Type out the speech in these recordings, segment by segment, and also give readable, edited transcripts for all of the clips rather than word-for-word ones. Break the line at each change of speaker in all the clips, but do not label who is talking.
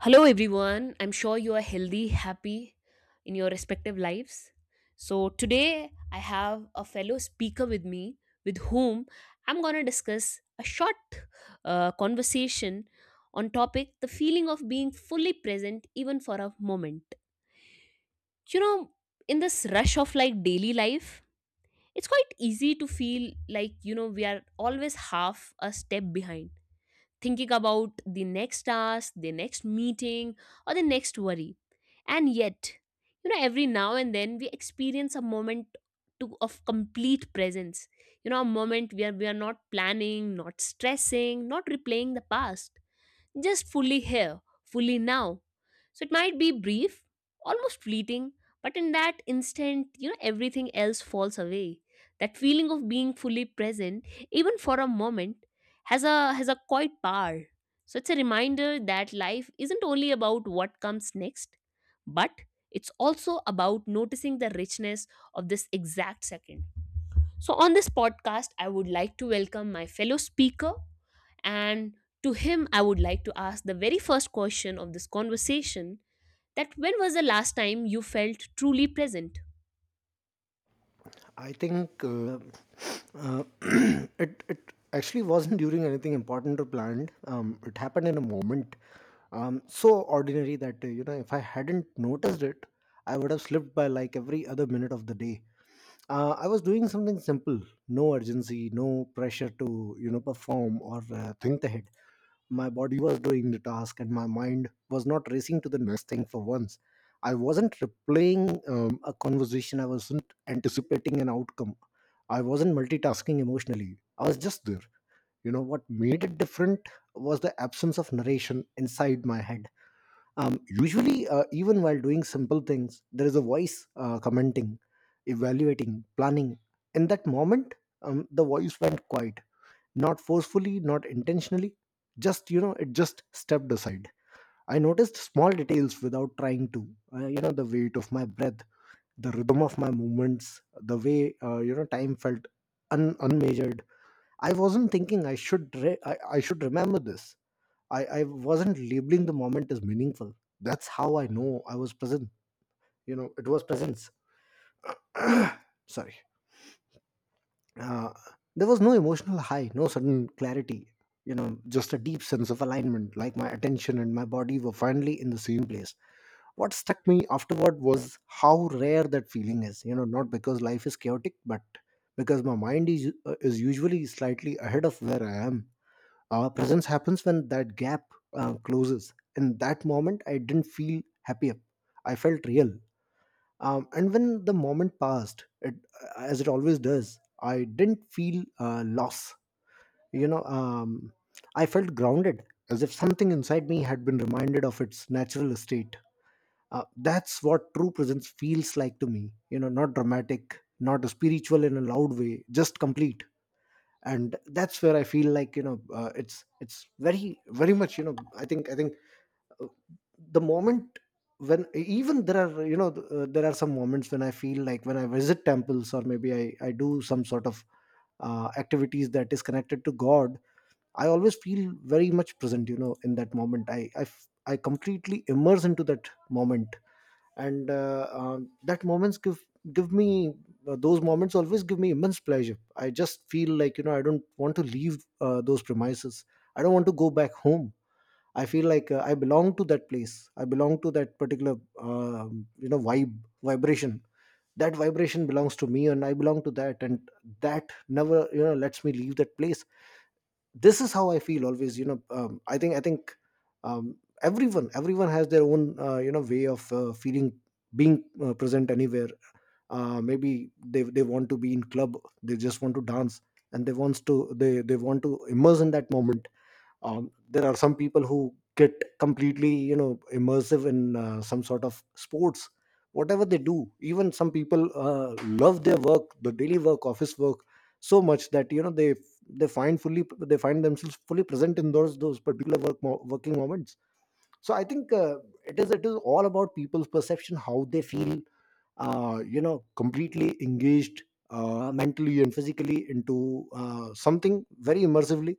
Hello, everyone. I'm sure you are healthy, happy in your respective lives. So, today I have a fellow speaker with me with whom I'm going to discuss a short conversation on topic the feeling of being fully present even for a moment. You know, in this rush of like daily life, it's quite easy to feel like, you know, we are always half a step behind thinking about the next task, the next meeting, or the next worry. And yet, you know, every now and then we experience a moment to, of complete presence. You know, a moment where we are not planning, not stressing, not replaying the past just fully here, fully now. So it might be brief, almost fleeting, but in that instant, you know, everything else falls away. That feeling of being fully present, even for a moment, has a quite power. So it's a reminder that life isn't only about what comes next, but it's also about noticing the richness of this exact second. So, on this podcast, I would like to welcome my fellow speaker, and to him, I would like to ask the very first question of this conversation that when was the last time you felt truly present?
I think uh, it actually wasn't during anything important or planned. It happened in a moment, so ordinary that if I hadn't noticed it, I would have slipped by like every other minute of the day. I was doing something simple, no urgency, no pressure to perform or think ahead. My body was doing the task, and my mind was not racing to the next thing for once. I wasn't replaying a conversation, I wasn't anticipating an outcome. I wasn't multitasking emotionally. I was just there. You know, what made it different was the absence of narration inside my head. Usually, even while doing simple things, there is a voice commenting, evaluating, planning. In that moment, the voice went quiet, not forcefully, not intentionally, just it just stepped aside. I noticed small details without trying to. You know, the weight of my breath, the rhythm of my movements, the way time felt unmeasured. I wasn't thinking I should I should remember this. I wasn't labeling the moment as meaningful. That's how I know I was present. You know, it was presence. Sorry. uh, there was no emotional high, no sudden clarity, you know, just a deep sense of alignment, like my attention and my body were finally in the same place. What struck me afterward was how rare that feeling is, you know, not because life is chaotic, but because my mind is usually slightly ahead of where I am. Presence happens when that gap closes. In that moment, I didn't feel happier. I felt real. And when the moment passed, it, as it always does, I didn't feel loss. you know um, I felt grounded, as if something inside me had been reminded of its natural state. That's what true presence feels like to me, you know, not dramatic, not spiritual in a loud way, just complete. And that's where I feel like, you know, it's very very much, you know. I think i think uh, the moment, when even there are, you know, there are some moments when I feel like when I visit temples, or maybe I do some sort of activities that is connected to god, I always feel very much present. You know, in that moment I completely immerse into that moment. And that moments give me, those moments always give me immense pleasure. I just feel like, you know, I don't want to leave those premises, I don't want to go back home. I feel like I belong to that place. I belong to that particular, um, you know, vibe, vibration. That vibration belongs to me, and I belong to that, and that never, you know, lets me leave that place. This is how I feel always. You know, I think um, everyone has their own, you know, way of feeling, being present anywhere. Maybe they want to be in club. They just want to dance, and they wants to they want to immerse in that moment. There are some people who get completely, you know, immersive in some sort of sports, whatever they do. Even some people love their work, the daily work, office work, so much that, you know, they find fully they find themselves fully present in those particular working moments. So I think it is all about people's perception, how they feel you know completely engaged mentally and physically into something very immersively.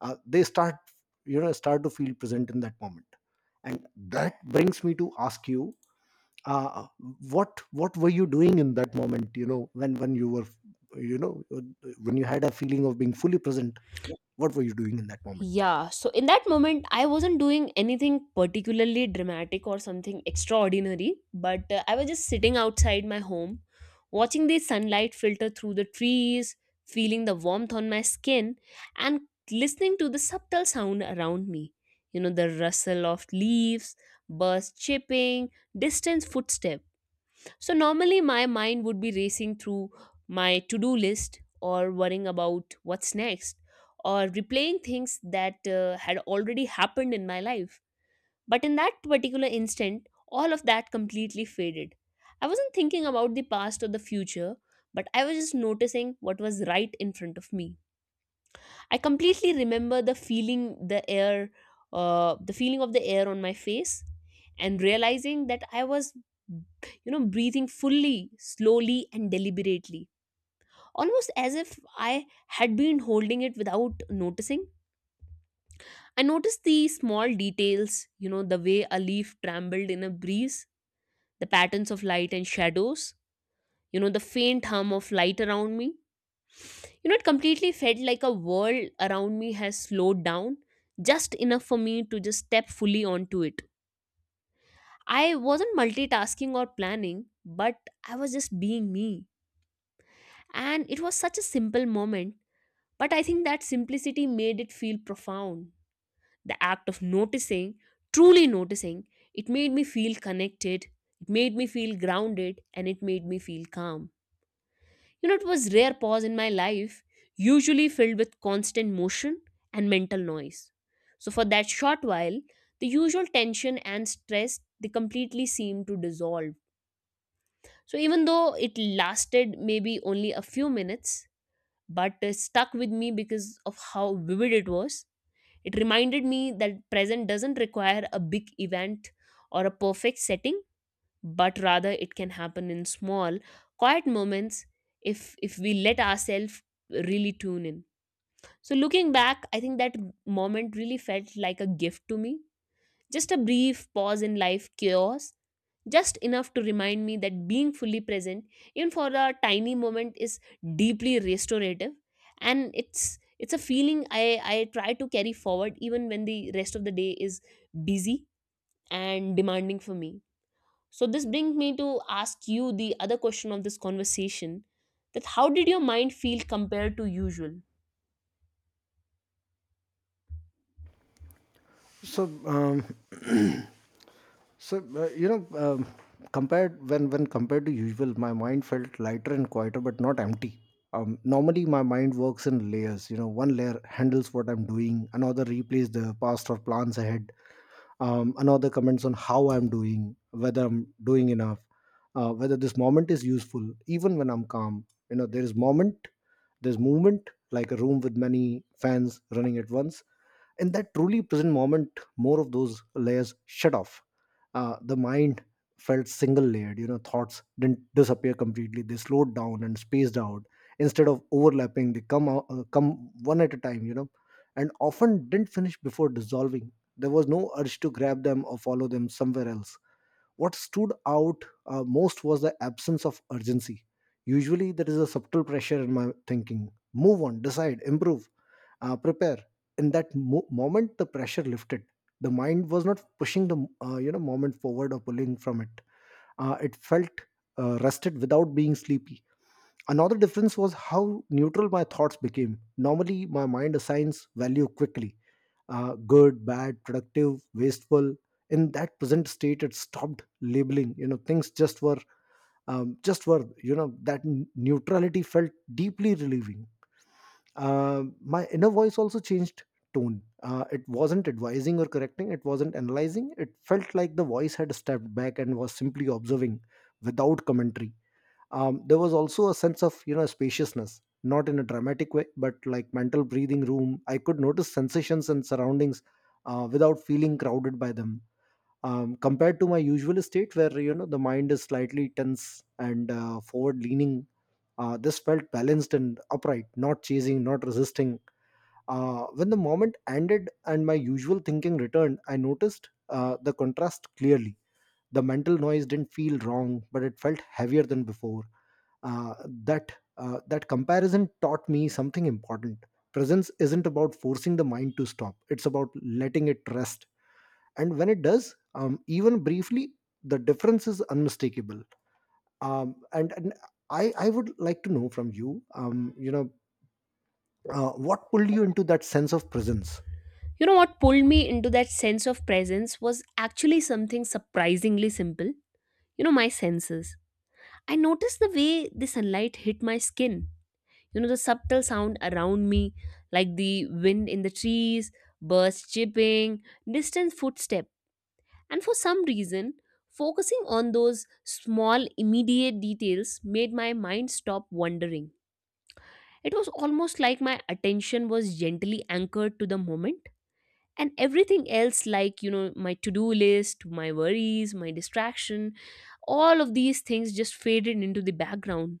They start, you know, start to feel present in that moment. And that brings me to ask you, uh, what were you doing in that moment, you know, when you know you had a feeling of being fully present? What were you doing in that moment?
Yeah, so in that moment, I wasn't doing anything particularly dramatic or something extraordinary, but I was just sitting outside my home, watching the sunlight filter through the trees, feeling the warmth on my skin, and listening to the subtle sound around me. You know, the rustle of leaves, birds chirping, distant footsteps. So normally my mind would be racing through my to-do list or worrying about what's next or replaying things that had already happened in my life. But in that particular instant, all of that completely faded. I wasn't thinking about the past or the future, but I was just noticing what was right in front of me. I completely remember the feeling the air, the feeling of the air on my face, and realizing that I was, you know, breathing fully, slowly, and deliberately, almost as if I had been holding it without noticing. I noticed the small details, you know, the way a leaf trembled in a breeze, the patterns of light and shadows, you know, the faint hum of light around me. You know, it completely felt like a world around me has slowed down just enough for me to just step fully onto it. I wasn't multitasking or planning, but I was just being me. And it was such a simple moment, but I think that simplicity made it feel profound. The act of noticing, truly noticing, it made me feel connected, it made me feel grounded, and it made me feel calm. You know, it was rare pause in my life, usually filled with constant motion and mental noise. So for that short while, the usual tension and stress they completely seemed to dissolve. So even though it lasted maybe only a few minutes, but it stuck with me because of how vivid it was. It reminded me that present doesn't require a big event or a perfect setting but rather it can happen in small quiet moments if we let ourselves really tune in. So looking back, I think that moment really felt like a gift to me, just a brief pause in life chaos, just enough to remind me that being fully present even for a tiny moment is deeply restorative. And it's a feeling I try to carry forward even when the rest of the day is busy and demanding for me. So this brings me to ask you the other question of this conversation that how did your mind feel compared to usual?
so um, So uh, you know, um, Compared when compared to usual, my mind felt lighter and quieter, but not empty. Normally, my mind works in layers. You know, one layer handles what I'm doing, another replays the past or plans ahead, another comments on how I'm doing, whether I'm doing enough, whether this moment is useful. Even when I'm calm, you know, there is moment, there's movement, like a room with many fans running at once. In that truly present moment, more of those layers shut off. The mind felt single layered. You know, thoughts didn't disappear completely, they slowed down and spaced out. Instead of overlapping, they come out, come one at a time, you know, and often didn't finish before dissolving. There was no urge to grab them or follow them somewhere else. What stood out most was the absence of urgency. Usually, there is a subtle pressure in my thinking: move on, decide, improve, prepare. In that moment, the pressure lifted. The mind was not pushing the, moment forward or pulling from it. It felt rested without being sleepy. Another difference was how neutral my thoughts became. Normally, my mind assigns value quickly: good, bad, productive, wasteful. In that present state, it stopped labeling. You know, things just were, you know. That neutrality felt deeply relieving. My inner voice also changed tone. It wasn't advising or correcting, it wasn't analyzing. It felt like the voice had stepped back and was simply observing without commentary. There was also a sense of, you know, spaciousness, not in a dramatic way, but like mental breathing room. I could notice sensations and surroundings without feeling crowded by them. Compared to my usual state, where, you know, the mind is slightly tense and forward leaning, this felt balanced and upright, not chasing, not resisting. When the moment ended and my usual thinking returned, I noticed the contrast clearly. The mental noise didn't feel wrong, but it felt heavier than before. uh, that that comparison taught me something important: presence isn't about forcing the mind to stop, it's about letting it rest. And when it does, even briefly, the difference is unmistakable. And I would like to know from you, you know what pulled you into that sense of presence?
You know what pulled me into that sense of presence was actually something surprisingly simple. You know my senses. I noticed the way the sunlight hit my skin. You know the subtle sound around me like the wind in the trees, birds chirping, distant footsteps. And for some reason, focusing on those small, immediate details made my mind stop wandering. It was almost like my attention was gently anchored to the moment, and everything else, like, you know, my to do list, my worries, my distraction, all of these things just faded into the background.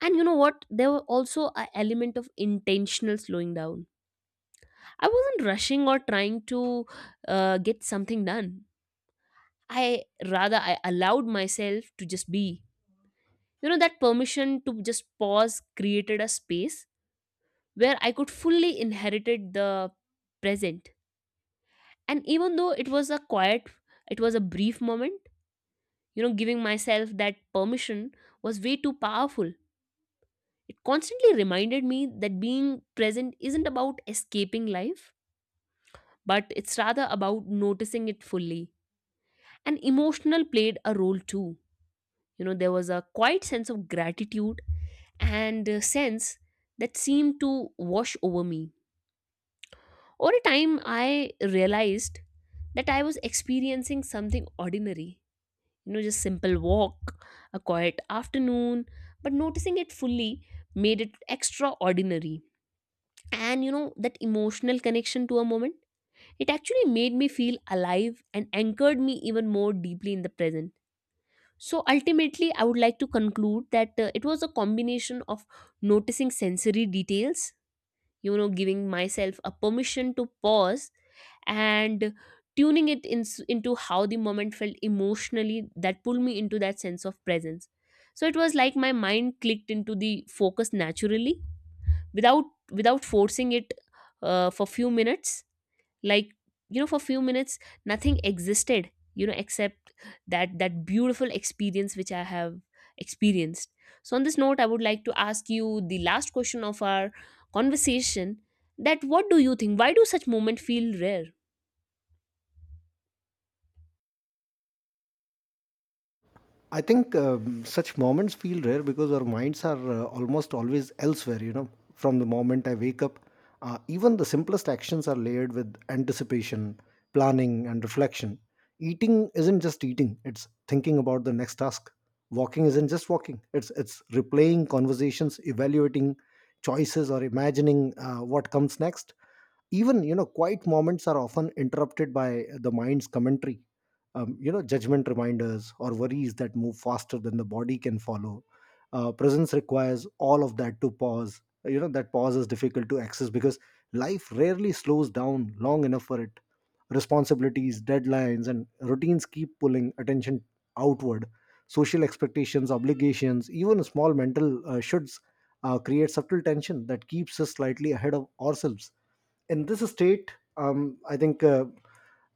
And you know what? There were also an element of intentional slowing down. I wasn't rushing or trying to get something done. I rather I allowed myself to just be. You know, that permission to just pause created a space where I could fully inherited the present. And even though it was a quiet, it was a brief moment, you know, giving myself that permission was way too powerful. It constantly reminded me that being present isn't about escaping life, but it's rather about noticing it fully. And emotional played a role too. You know, there was a quiet sense of gratitude and sense that seemed to wash over me. Over time, I realized that I was experiencing something ordinary, you know, just simple walk, a quiet afternoon, but noticing it fully made it extraordinary. And you know, that emotional connection to a moment, it actually made me feel alive and anchored me even more deeply in the present. So ultimately, I would like to conclude that it was a combination of noticing sensory details, you know, giving myself a permission to pause, and tuning it in, into how the moment felt emotionally that pulled me into that sense of presence. So it was like my mind clicked into the focus naturally without without forcing it for few minutes, like, you know, for few minutes nothing existed, you know, except that beautiful experience which I have experienced. So on this note, I would like to ask you the last question of our conversation that what do you think why do such moments feel rare?
I think such moments feel rare because our minds are almost always elsewhere, you know. From the moment I wake up, even the simplest actions are layered with anticipation, planning, and reflection. Eating isn't just eating, it's thinking about the next task. Walking isn't just walking, it's replaying conversations, evaluating choices, or imagining what comes next. Even, you know, quiet moments are often interrupted by the mind's commentary, you know, judgment, reminders, or worries that move faster than the body can follow. Presence requires all of that to pause. You know, that pause is difficult to access because life rarely slows down long enough for it. Responsibilities, deadlines, and routines keep pulling attention outward. Social expectations, obligations, even small mental shoulds, create subtle tension that keeps us slightly ahead of ourselves. In this state, um, I think uh,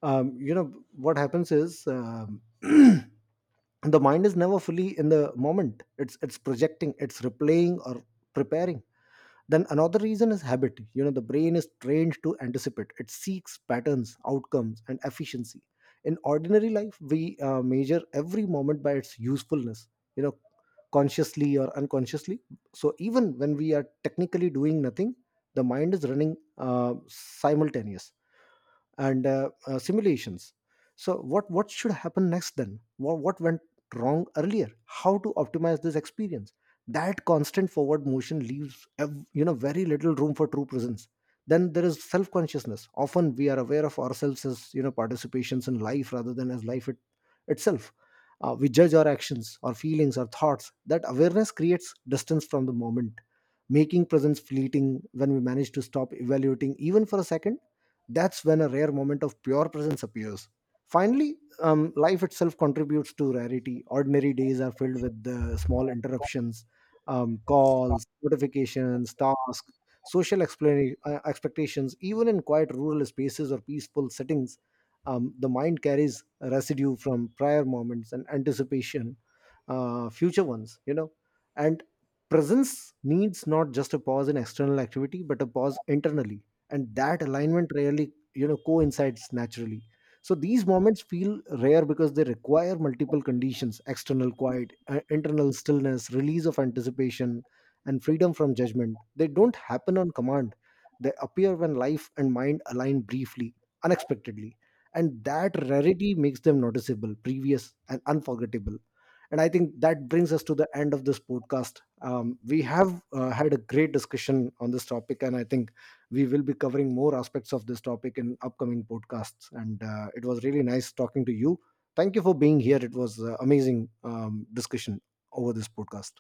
um, you know what happens is, the mind is never fully in the moment. It's projecting, it's replaying, or preparing. Then another reason is habit. You know, the brain is trained to anticipate, it seeks patterns, outcomes, and efficiency. In ordinary life, we measure every moment by its usefulness, you know, consciously or unconsciously. So even when we are technically doing nothing, the mind is running simultaneous and simulations. So what should happen next, then what went wrong earlier, how to optimize this experience. That constant forward motion leaves, very little room for true presence. Then there is self consciousness. Often we are aware of ourselves as, you know, participations in life rather than as life itself. We judge our actions, our feelings, our thoughts. That awareness creates distance from the moment, making presence fleeting. When we manage to stop evaluating, even for a second, that's when a rare moment of pure presence appears. Finally, life itself contributes to rarity. Ordinary days are filled with the small interruptions: calls, notifications, tasks, social expectations. Even in quiet rural spaces or peaceful settings, the mind carries a residue from prior moments and anticipation, future ones, you know. And presence needs not just a pause in external activity, but a pause internally, and that alignment rarely, you know, coincides naturally. So these moments feel rare because they require multiple conditions: external quiet, internal stillness, release of anticipation, and freedom from judgment. They don't happen on command, they appear when life and mind align briefly, unexpectedly. And that rarity makes them noticeable, previous, and unforgettable. And I think that brings us to the end of this podcast. We have had a great discussion on this topic, and I think we will be covering more aspects of this topic in upcoming podcasts. And it was really nice talking to you. Thank you for being here. It was amazing discussion over this podcast.